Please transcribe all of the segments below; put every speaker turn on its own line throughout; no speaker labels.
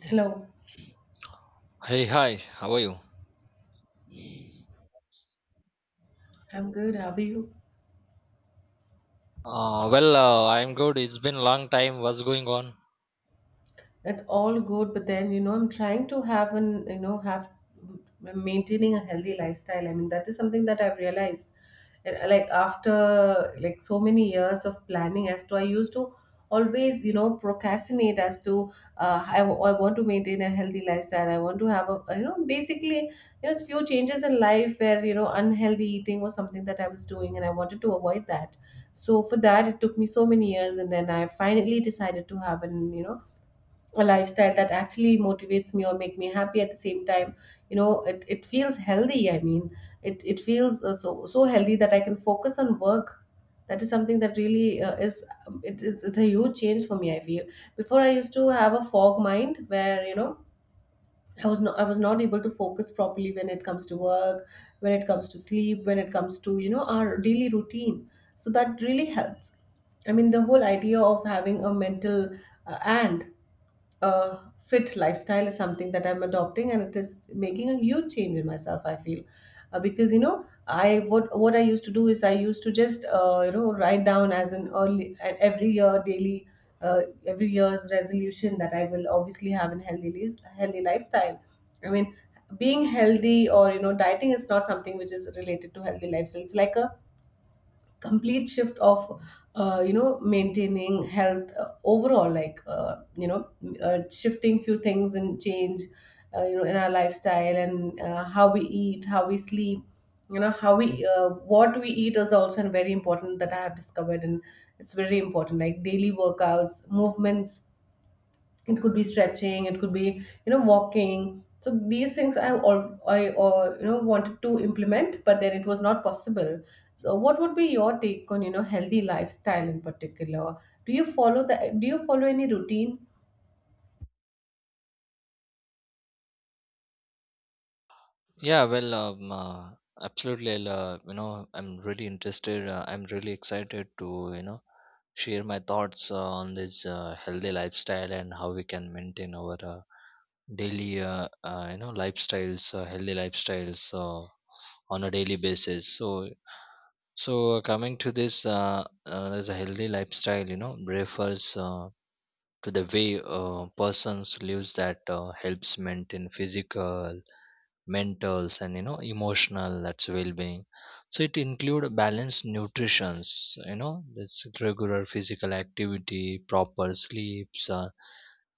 Hello,
Hey, hi, how are you?
I'm good. How are you?
Well, I'm good. It's been a long time. What's going on?
That's all good, but then I'm trying to have an have maintaining a healthy lifestyle. I mean, that is something that I've realized. And like after like so many years of planning as to I used to always procrastinate as to I want to maintain a healthy lifestyle. I want to have a basically there's few changes in life where unhealthy eating was something that I was doing and I wanted to avoid that. So for that it took me so many years and then I finally decided to have an a lifestyle that actually motivates me or make me happy at the same time. It feels healthy, I mean it feels so healthy that I can focus on work. That is something that really is it's a huge change for me, I feel. Before I used to have a fog mind where I was not able to focus properly, when it comes to work, when it comes to sleep, when it comes to our daily routine. So that really helps. I mean, the whole idea of having a mental and uh, fit lifestyle is something that I'm adopting, and it is making a huge change in myself, I feel. Because I, what I used to do is I used to just write down as an early and every year daily every year's resolution that I will obviously have in healthy lives, healthy lifestyle. I mean, being healthy or dieting is not something which is related to healthy lifestyle. It's like a complete shift of maintaining health, overall, like shifting few things and change in our lifestyle, and how we eat, how we sleep, how we, what we eat is also very important that I have discovered. And it's very important, like daily workouts, movements. It could be stretching, it could be walking. So these things I, all I wanted to implement, but then it was not possible. So what would be your take on healthy lifestyle in particular? Do you follow the do you follow any routine?
Yeah, well, absolutely. I'm really interested. I'm really excited to, you know, share my thoughts on this healthy lifestyle and how we can maintain our daily, lifestyles, healthy lifestyles on a daily basis. So coming to this, there's a healthy lifestyle, refers. To the way persons lives that helps maintain physical, mental, and emotional, that's well-being. So it include balanced nutritions, that's regular physical activity, proper sleeps,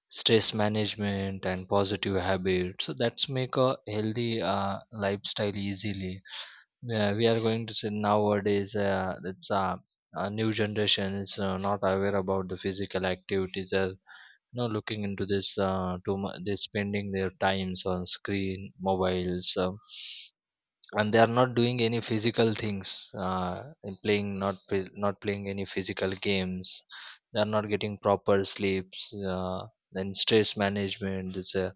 stress management, and positive habits, so that's make a healthy lifestyle easily. Yeah, we are going to say nowadays that's a new generation is not aware about the physical activities, or looking into this too much. They're spending their times on screen mobiles, and they are not doing any physical things, and playing not playing any physical games. They are not getting proper sleeps. uh, then stress management, it's a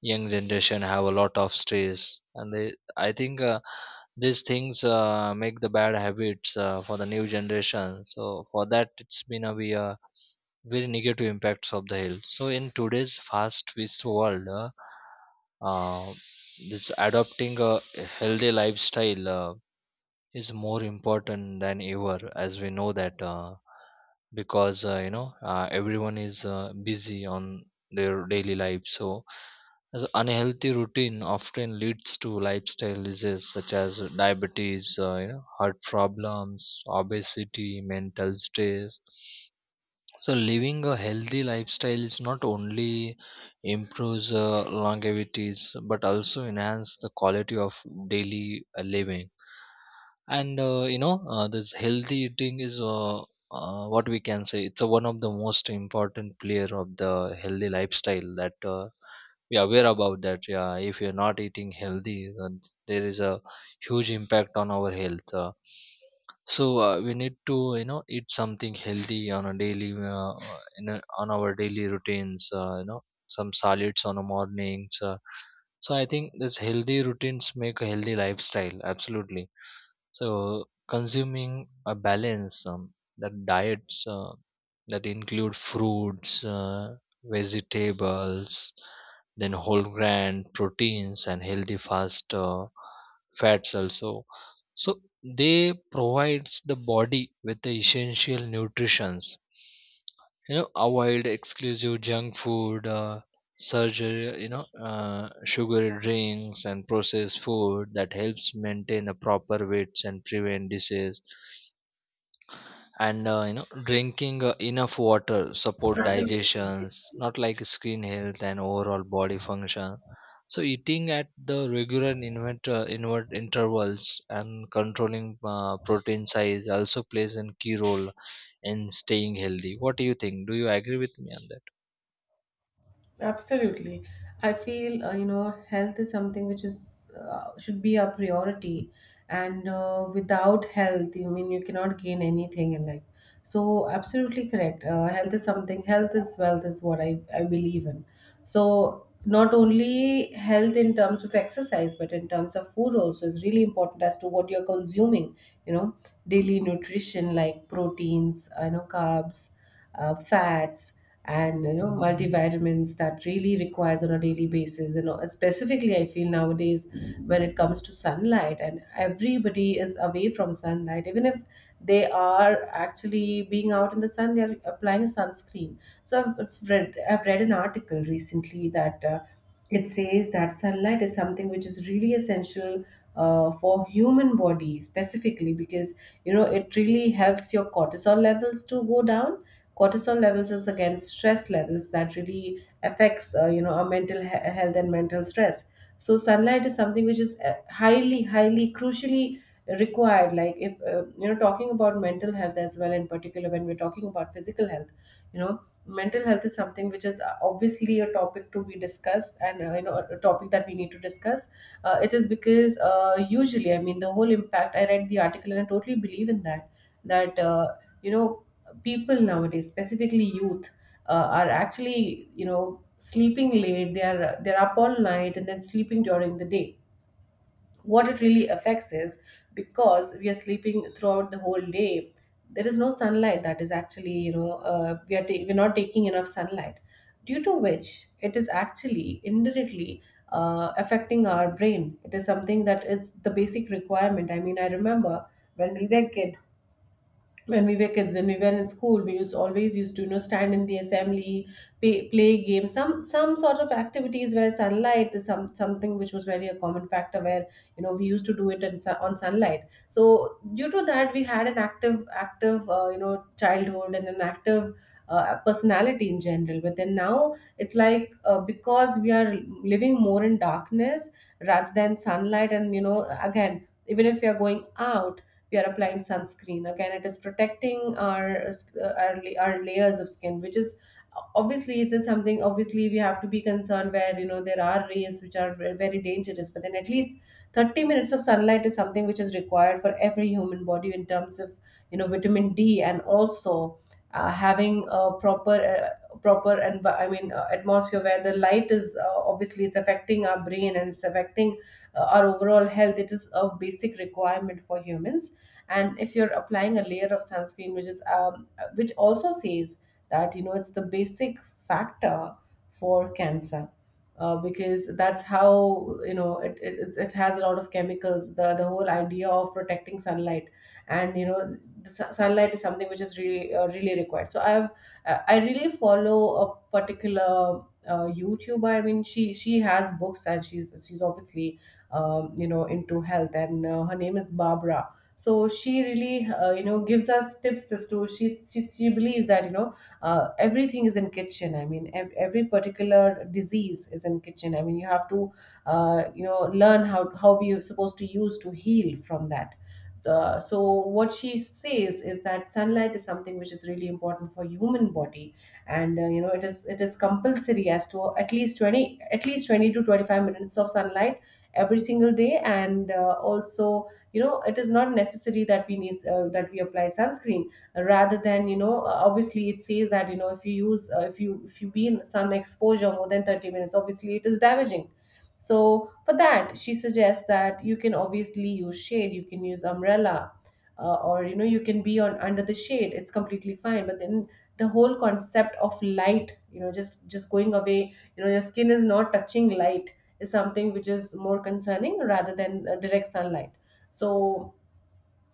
young generation have a lot of stress, and they, I think, these things make the bad habits for the new generation. So for that, it's been a very negative impacts of the health. So in today's fast paced world, uh, this adopting a healthy lifestyle is more important than ever, as we know that. Because everyone is busy on their daily life. So as unhealthy routine often leads to lifestyle diseases such as diabetes, heart problems, obesity, mental stress. So living a healthy lifestyle is not only improves longevities but also enhance the quality of daily living. And this healthy eating is what we can say, it's one of the most important player of the healthy lifestyle that we are aware about that. Yeah, if you're not eating healthy, then there is a huge impact on our health. So we need to eat something healthy on a daily on our daily routines. Some solids on the mornings. So I think this healthy routines make a healthy lifestyle. Absolutely. So consuming a balance, that diets that include fruits, vegetables, then whole grain proteins and healthy fast fats also, so they provides the body with the essential nutritions. Avoid exclusive junk food, surgery, sugary drinks and processed food that helps maintain a proper weights and prevent disease. And drinking enough water support
Absolutely.
digestions, not like skin health and overall body function. So eating at the regular invert intervals, and controlling protein size also plays a key role in staying healthy. What do you think? Do you agree with me on that?
Absolutely. I feel, you know, health is something which is should be a priority, and without health, you mean you cannot gain anything in life. So, absolutely correct. Health is something, health is wealth, is what I believe in. So, not only health in terms of exercise, but in terms of food also is really important as to what you're consuming, you know, daily nutrition like proteins, you know, carbs, fats, and multivitamins that really requires on a daily basis. Specifically I feel, nowadays when it comes to sunlight, and everybody is away from sunlight, even if they are actually being out in the sun they are applying sunscreen. So I've read an article recently that it says that sunlight is something which is really essential for human body, specifically because it really helps your cortisol levels to go down. Cortisol levels is again stress levels that really affects, you know, our health and mental stress. So sunlight is something which is highly highly crucially required. Like if you know, talking about mental health as well, in particular when we're talking about physical health, you know, mental health is something which is obviously a topic to be discussed, and you know, a topic that we need to discuss. It is because usually, I mean, the whole impact, I read the article and I totally believe in that, that you know, people nowadays, specifically youth, are actually, you know, sleeping late. They're up all night and then sleeping during the day. What it really affects is, because we are sleeping throughout the whole day, there is no sunlight that is actually we're not taking enough sunlight, due to which it is actually indirectly affecting our brain. It is something that, it's the basic requirement. I mean, I remember when we were kid when we were kids and we were in school, we used always used to, you know, stand in the assembly, play games, some sort of activities where sunlight is something which was very a common factor, where you know, we used to do it on sunlight. So due to that we had an active you know, childhood, and an active personality in general. But then now it's like, because we are living more in darkness rather than sunlight. And you know, again, even if we are going out we are applying sunscreen. Again, it is protecting our our layers of skin, which is obviously, it's something obviously we have to be concerned, where you know, there are rays which are very dangerous. But then at least 30 minutes of sunlight is something which is required for every human body, in terms of you know, vitamin D. And also having a proper, proper and I mean, atmosphere where the light is, obviously it's affecting our brain, and it's affecting our overall health. It is a basic requirement for humans. And if you're applying a layer of sunscreen, which is which also says that, you know, it's the basic factor for cancer, because that's how you know, it has a lot of chemicals. The whole idea of protecting sunlight, and you know, sunlight is something which is really, really required. So I have, I really follow a particular YouTuber. I mean, she has books, and she's obviously, you know, into health. And her name is Barbara. So she really, you know, gives us tips as to, she believes that everything is in kitchen. I mean, every particular disease is in kitchen, I mean, you have to you know, learn how you're supposed to use to heal from that. So, so what she says is that sunlight is something which is really important for human body. And you know, it is compulsory as to at least 20 at least 20 to 25 minutes of sunlight every single day. And also you know, it is not necessary that we need, that we apply sunscreen, rather than obviously, it says that you know, if you use if you be in sun exposure more than 30 minutes, obviously it is damaging. So for that she suggests that you can obviously use shade, you can use umbrella, or you know, you can be on under the shade, it's completely fine. But then the whole concept of light, you know, just going away, you know, your skin is not touching light, is something which is more concerning rather than direct sunlight. So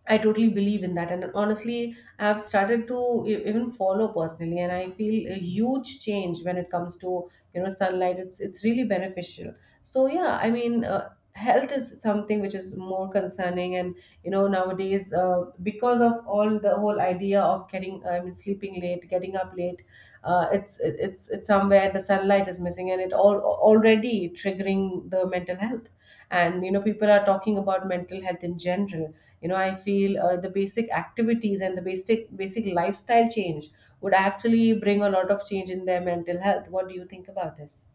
I totally believe in that. And honestly, I've started to even follow personally, and I feel a huge change when it comes to, you know, sunlight. It's really beneficial. So yeah, I mean. Health is something which is more concerning, and you know, nowadays, because of all the whole idea of getting, I mean, sleeping late, getting up late. Uh, it's it's somewhere the sunlight is missing, and it all already triggering the mental health. And you know, people are talking about mental health in general. You know, I feel the basic activities and the basic lifestyle change would actually bring a lot of change in their mental health. What do you think about this?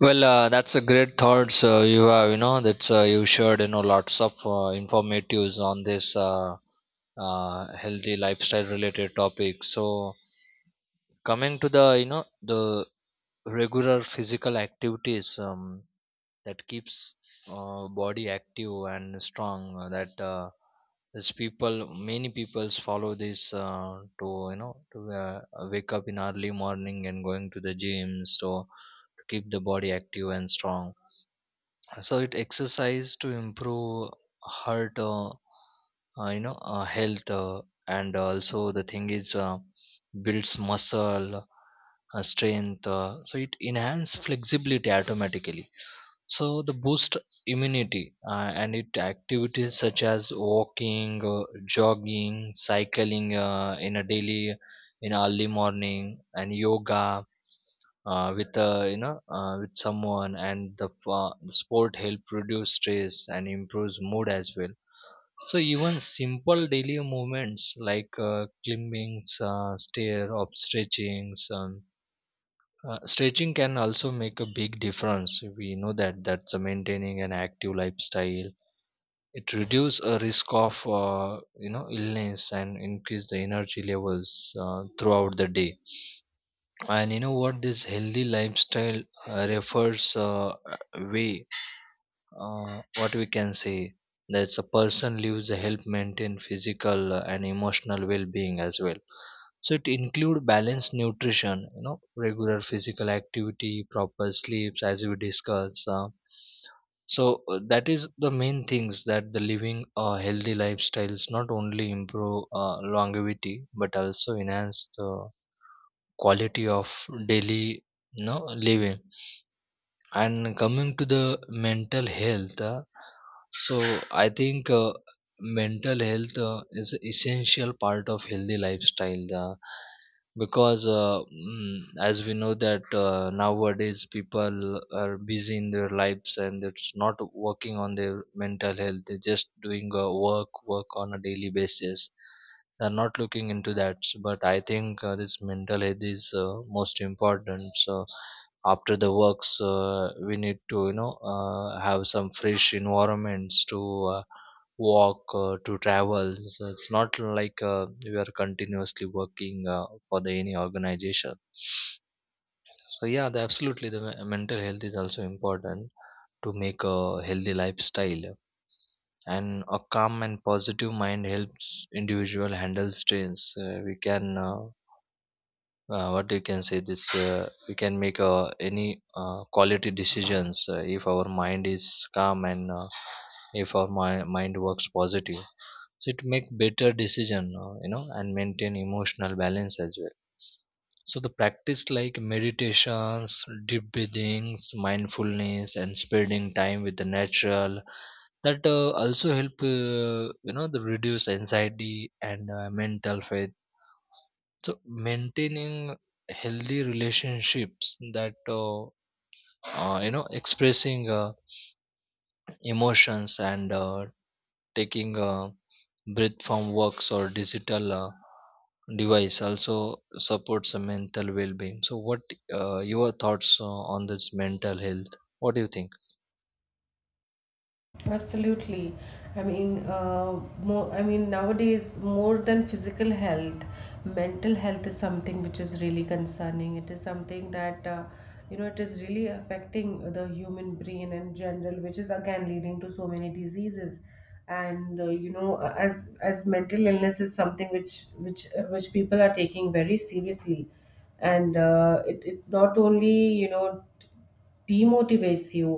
Well, that's a great thoughts you have, that's you shared, lots of informatives on this healthy lifestyle related topic. So coming to the you know the regular physical activities, that keeps body active and strong. That is people many peoples follow this to wake up in early morning and going to the gym, so to keep the body active and strong. So it exercise to improve heart health. And also the thing is builds muscle strength, so it enhance flexibility automatically. So the boost immunity. Uh, and it activities such as walking, jogging, cycling, in a daily, in early morning, and yoga, with you know with someone, and the sport help reduce stress and improves mood as well. So even simple daily movements like climbing stair up, stretching can also make a big difference. We know that that's maintaining an active lifestyle. It reduces a risk of illness and increase the energy levels throughout the day. And you know what, this healthy lifestyle refers way, what we can say, that's a person lives to help maintain physical and emotional well-being as well. So it include balanced nutrition, regular physical activity, proper sleeps, as we discuss. So that is the main things that the living a healthy lifestyles not only improve longevity but also enhance the quality of daily, living. And coming to the mental health, so I think mental health is an essential part of healthy lifestyle. Because as we know that nowadays people are busy in their lives and it's not working on their mental health. They're just doing work on a daily basis. They're not looking into that. But I think this mental health is most important. So after the works, we need to have some fresh environments to uh, walk, to travel. So it's not like we are continuously working for the any organization. So yeah, absolutely the mental health is also important to make a healthy lifestyle. And a calm and positive mind helps individual handle stress. We can what you can say, this we can make any quality decisions if our mind is calm, and if our mind works positive. So it make better decision, and maintain emotional balance as well. So the practice like meditations, deep breathings, mindfulness, and spending time with the natural, that also help the reduce anxiety and mental fatigue. So maintaining healthy relationships, that expressing emotions, and taking a breath from works or digital device also supports a mental well-being. So what your thoughts on this mental health? What do you think?
Absolutely. I mean, more, I mean, nowadays, more than physical health, mental health is something which is really concerning. It is something that, you know, it is really affecting the human brain in general, which is again leading to so many diseases. And you know, as mental illness is something which people are taking very seriously, and it not only demotivates you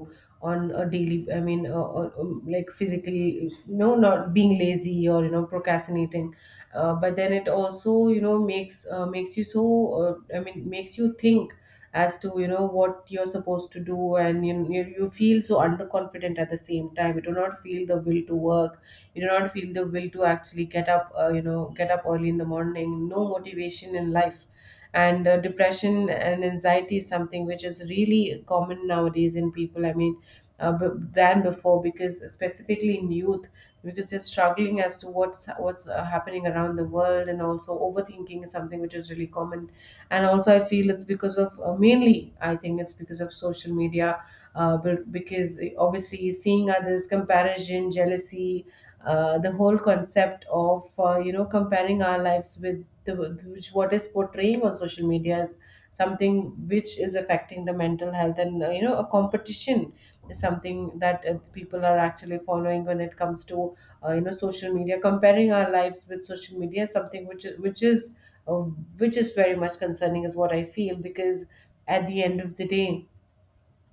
on a daily, I mean, like physically, no, not being lazy or, you know, procrastinating, but then it also, you know, makes you so, I mean makes you think as to, you know, what you're supposed to do, and you feel so underconfident. At the same time, you do not feel the will to work, you do not feel the will to actually get up, you know, get up early in the morning. No motivation in life. And depression and anxiety is something which is really common nowadays in people, I mean, than before, because specifically in youth, because they're struggling as to what's happening around the world. And also overthinking is something which is really common. And also I feel it's because of, mainly I think it's because of social media, but because obviously seeing others, comparison, jealousy, the whole concept of, you know, comparing our lives with the which what is portraying on social media, is something which is affecting the mental health. And you know, a competition is something that people are actually following when it comes to, you know, social media. Comparing our lives with social media is something which is uh, which is very much concerning, is what I feel. Because at the end of the day,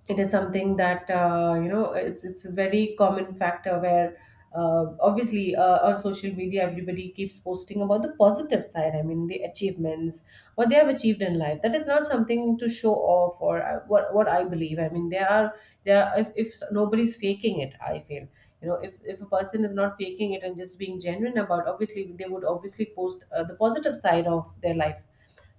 it is something that, you know, it's a very common factor where obviously on social media, everybody keeps posting about the positive side, I mean the achievements, what they have achieved in life. That is not something to show off, or what I believe. I mean, there are, if nobody's faking it, I feel, you know, if a person is not faking it and just being genuine about, obviously they would obviously post the positive side of their life.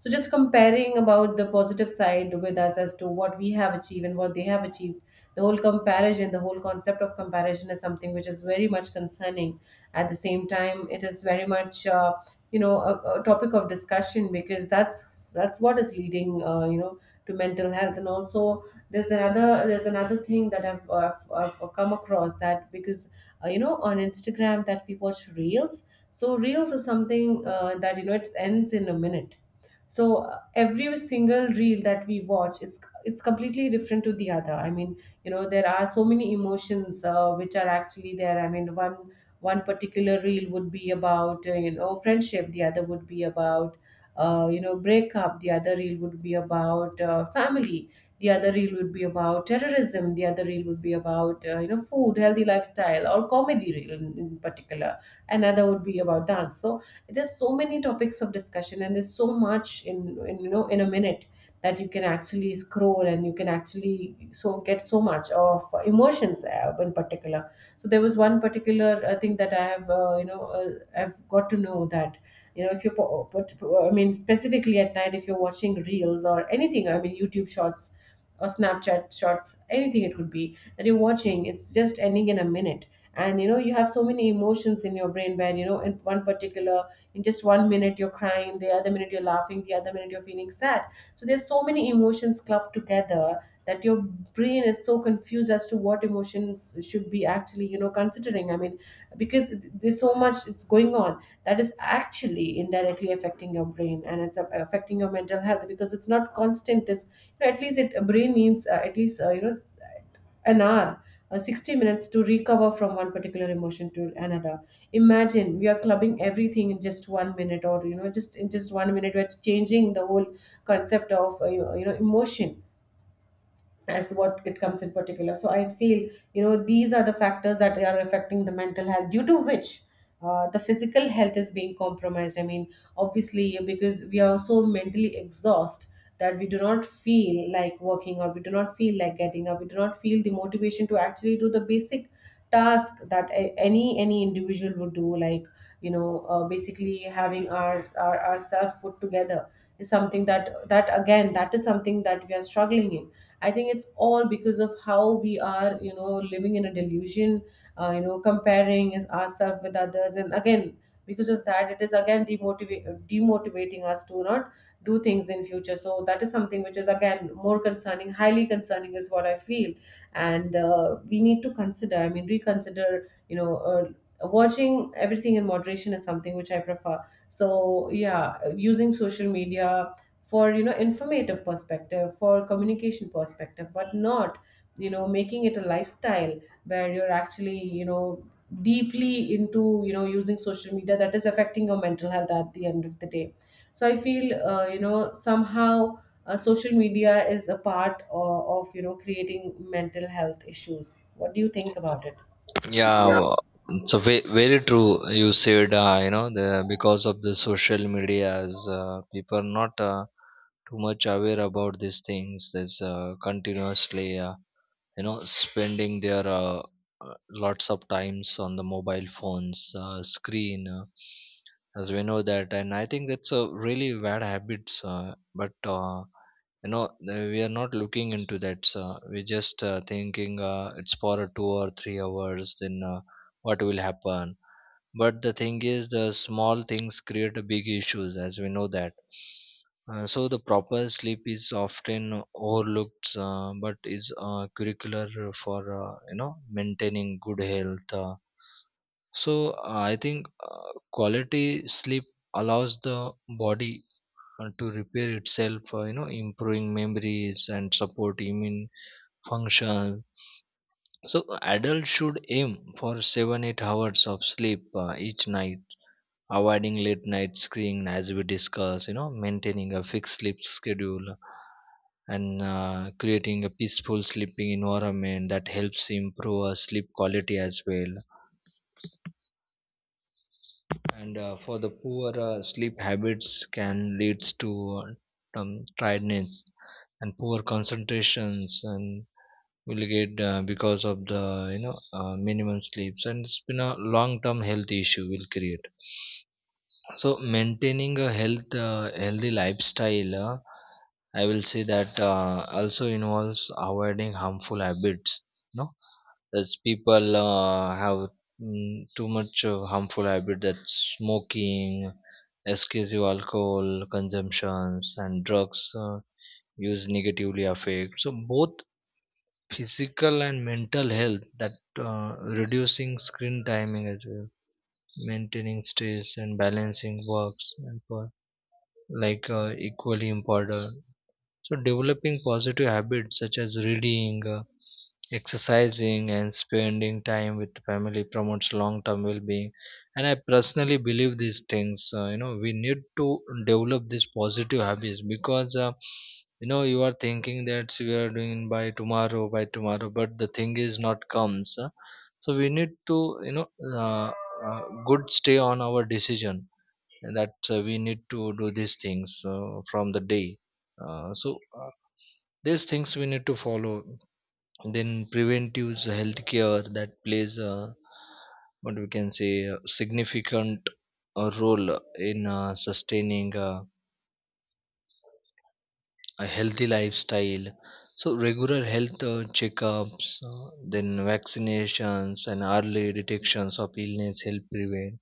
So just comparing about the positive side with us as to what we have achieved and what they have achieved, the whole comparison, the whole concept of comparison is something which is very much concerning. At the same time, it is very much, you know, a topic of discussion, because that's what is leading, you know, to mental health. And also there's another thing that I've come across. That because, you know, on Instagram that we watch reels. So reels is something, that you know it ends in a minute. So every single reel that we watch, it's completely different to the other. I mean, you know, there are so many emotions which are actually there. I mean, one particular reel would be about, you know, friendship. The other would be about, you know, breakup. The other reel would be about, family. The other reel would be about terrorism. The other reel would be about, you know, food, healthy lifestyle, or comedy reel, in particular. Another would be about dance. So there's so many topics of discussion, and there's so much in, you know, in a minute, that you can actually scroll, and you can actually so get so much of emotions in particular. So there was one particular thing that I have, I've got to know that, you know, if you're po- but I mean specifically at night, if you're watching reels or anything, I mean YouTube shorts or Snapchat shorts, anything it could be that you're watching, it's just ending in a minute. And you know, you have so many emotions in your brain, where, you know, in one particular, in just 1 minute you're crying, the other minute you're laughing, the other minute you're feeling sad. So there's so many emotions clubbed together, that your brain is so confused as to what emotions should be actually, you know, considering. I mean, because there's so much it's going on, that is actually indirectly affecting your brain, and affecting your mental health, because it's not constant. Is, you know, at least it a brain needs, at least, you know, an hour, 60 minutes, to recover from one particular emotion to another. Imagine we are clubbing everything in just 1 minute, or, you know, just in just 1 minute we're changing the whole concept of, you you know, emotion as what it comes in particular. So I feel, you know, these are the factors that are affecting the mental health, due to which the physical health is being compromised. I mean, obviously because we are so mentally exhausted, that we do not feel like working, or we do not feel like getting up. We do not feel the motivation to actually do the basic task that any individual would do, like, you know, basically having our ourselves put together, is something that that again that is something that we are struggling in. I think it's all because of how we are, you know, living in a delusion, you know, ourselves with others. And again, because of that, it is again demotivating us to not do things in future. So that is something which is again more concerning, highly concerning, is what I feel. And we need to consider, I mean, reconsider, you know, watching everything in moderation is something which I prefer. So yeah, using social media for, you know, informative perspective, for communication perspective, but not, you know, making it a lifestyle where you're actually, you know, deeply into, you know, using social media, that is affecting your mental health at the end of the day. So I feel, you know, somehow, social media is a part, of, you know, creating mental health issues. What do you think about it?
Yeah, it's a very true. You said, the because of the social media, as people are not too much aware about these things. There's continuously spending their lots of times on the mobile phones screen, as we know that. And I think it's a really bad habits, but we are not looking into that. So we just thinking it's for a 2 or 3 hours, then what will happen. But the thing is, the small things create a big issues, as we know that. So the proper sleep is often overlooked, but is curricular for maintaining good health. So I think quality sleep allows the body to repair itself. Improving memories and support immune function. So adults should aim for 7-8 hours of sleep each night, avoiding late night screen, as we discussed, maintaining a fixed sleep schedule, and creating a peaceful sleeping environment that helps improve our sleep quality as well. And for the poor sleep habits can leads to tiredness and poor concentrations, and will get because of the minimum sleeps, and it's been a long term health issue will create. So maintaining a healthy lifestyle, I will say that also involves avoiding harmful habits. No, that's people have too much harmful habit, that's smoking, excessive alcohol consumptions, and drugs use negatively affect. So both physical and mental health, that reducing screen timing as well, maintaining stress and balancing works and like equally important. So developing positive habits such as reading, exercising, and spending time with family promotes long-term well-being. And I personally believe these things. We need to develop these positive habits, because you are thinking that we are doing by tomorrow, but the thing is not comes. So we need to uh, uh, good stay on our decision that we need to do these things from the day. So these things we need to follow. Then preventive healthcare, that plays what we can say, a significant role in sustaining a healthy lifestyle. So regular health checkups, then vaccinations and early detections of illness help prevent.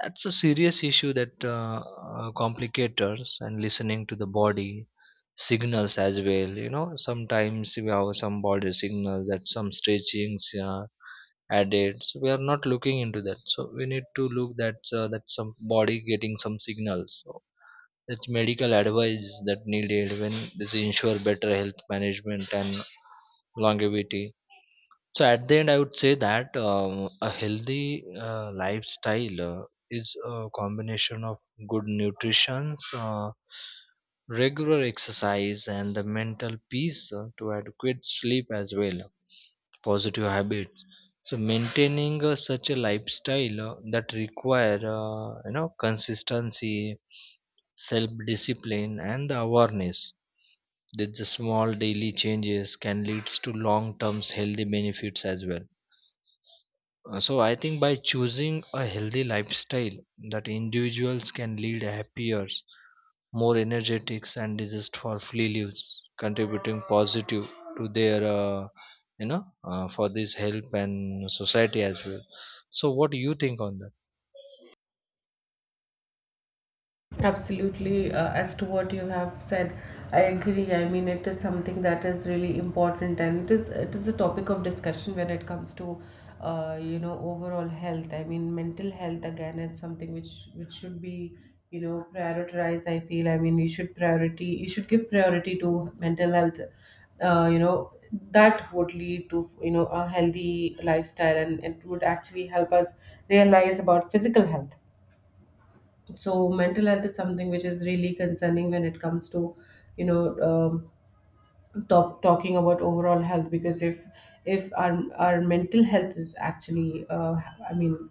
That's a serious issue that complicators, and listening to the body signals as well. You know, sometimes we have some body signals that some stretchings added. So we are not looking into that. So we need to look that that some body getting some signals. So that's medical advice that needed when this ensure better health management and longevity. So at the end, I would say that, a healthy lifestyle is a combination of good nutrition, regular exercise, and the mental peace to adequate sleep as well. Positive habits. So maintaining such a lifestyle that require consistency, self-discipline, and the awareness that the small daily changes can lead to long-term healthy benefits as well. So I think, by choosing a healthy lifestyle, that individuals can lead happier, more energetic and disease for free lives, contributing positive to their for this help and society as well. So what do you think on that?
Absolutely, as to what you have said, I agree. I mean, it is something that is really important, and it is a topic of discussion when it comes to, you know, overall health. I mean, mental health again is something which should be, you know, prioritized, I feel. I mean, you should give priority to mental health. You know, that would lead to, you know, a healthy lifestyle, and it would actually help us realize about physical health. So mental health is something which is really concerning when it comes to, you know, um, talking about overall health. Because if our mental health is actually, I mean,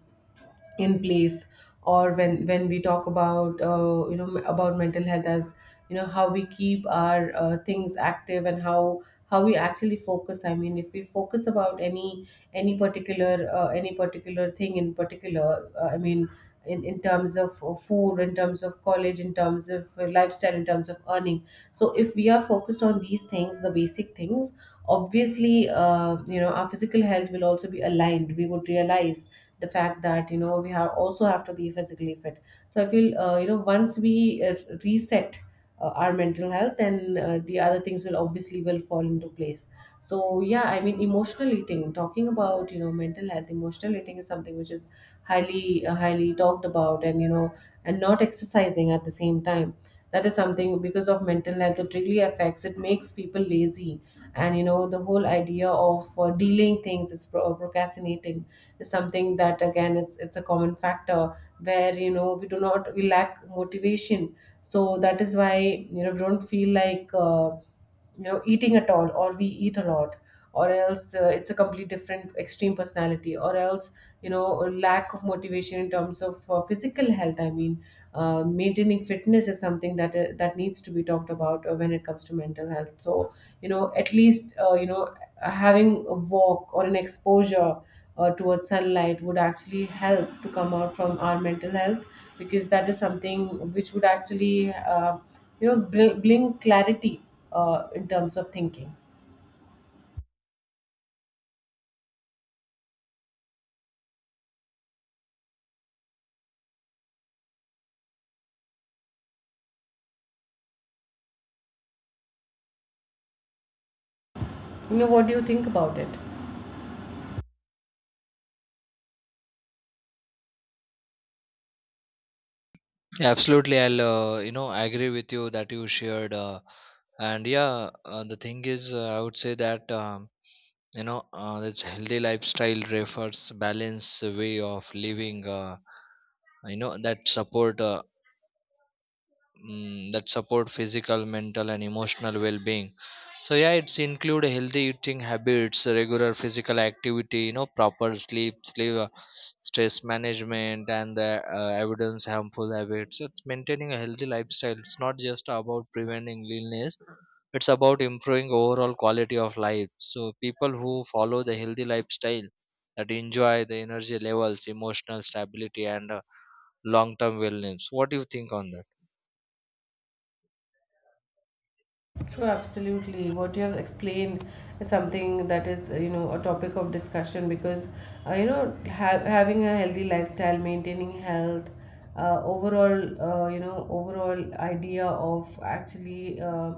in place, or when we talk about, you know, about mental health, as, you know, how we keep our, things active, and how we actually focus, I mean, if we focus about any particular, thing in particular, I mean in terms of, food, in terms of college, in terms of, lifestyle, in terms of earning. So if we are focused on these things, the basic things, obviously, you know, our physical health will also be aligned, we would realize the fact that, you know, we have also have to be physically fit. So I feel, you know, once we uh, reset our mental health, then the other things will obviously will fall into place. So yeah, I mean, emotional eating, talking about, you know, mental health, emotional eating is something which is highly talked about. And you know, and not exercising at the same time, that is something, because of mental health, it really affects, it makes people lazy. And you know, the whole idea of, dealing things is procrastinating is something that, again, it's a common factor where, you know, we do not we lack motivation. So that is why, you know, we don't feel like, you know, eating at all, or we eat a lot. Or else, it's a complete different extreme personality, or else, you know, a lack of motivation in terms of, physical health. I mean, maintaining fitness is something that, that needs to be talked about, when it comes to mental health. So, you know, at least, you know, having a walk or an exposure towards sunlight would actually help to come out from our mental health. Because that is something which would actually, you know, bring clarity in terms of thinking. You know, what do you think about it?
Yeah, absolutely, I'll agree with you that you shared, and yeah, the thing is, I would say that. This healthy lifestyle refers balance way of living, you know that support uh, that support physical, mental, and emotional well-being. So yeah, it's include healthy eating habits, regular physical activity, proper sleep, stress management, and the evidence harmful habits. So it's maintaining a healthy lifestyle, it's not just about preventing illness, it's about improving overall quality of life. So people who follow the healthy lifestyle, that enjoy the energy levels, emotional stability, and long term wellness. What do you think on that?
True, absolutely, what you have explained is something that is, you know, a topic of discussion. Because, you know, having a healthy lifestyle, maintaining health, overall, you know, overall idea of actually,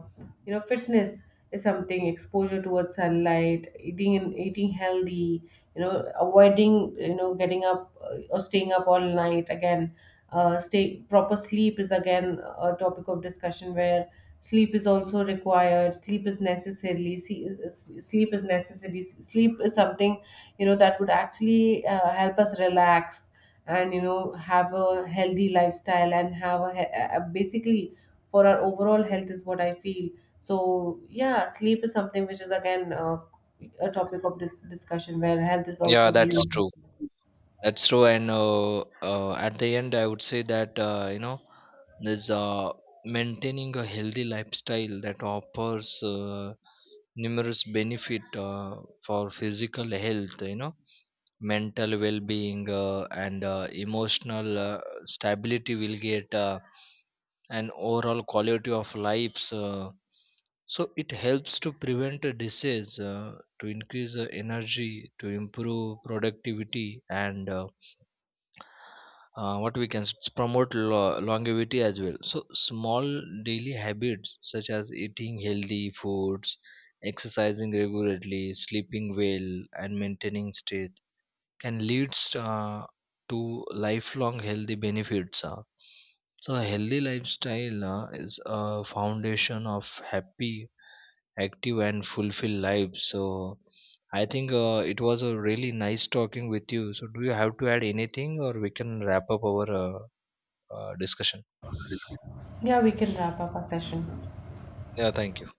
you know, fitness, something, exposure towards sunlight, eating and eating healthy, you know, avoiding, you know, getting up or staying up all night. Again, stay proper sleep is again a topic of discussion, where sleep is also required. Sleep is necessarily, see, s- sleep is necessary. Sleep is something, you know, that would actually, help us relax, and, you know, have a healthy lifestyle, and have basically for our overall health, is what I feel. So yeah, sleep is something which is again, a topic of discussion, where health is
Yeah,
also
that's
really.
true. That's true. And at the end, I would say that, you know, there's maintaining a healthy lifestyle that offers numerous benefit for physical health. Mental well-being and emotional stability will get. And overall quality of lives, so it helps to prevent a disease, to increase energy, to improve productivity, and what we can promote longevity as well. So small daily habits, such as eating healthy foods, exercising regularly, sleeping well, and maintaining strength can lead to lifelong healthy benefits. So a healthy lifestyle is a foundation of happy, active, and fulfilled life. So I think it was a really nice talking with you. So do you have to add anything, or we can wrap up our discussion?
Yeah, we can wrap up our session.
Yeah, thank you.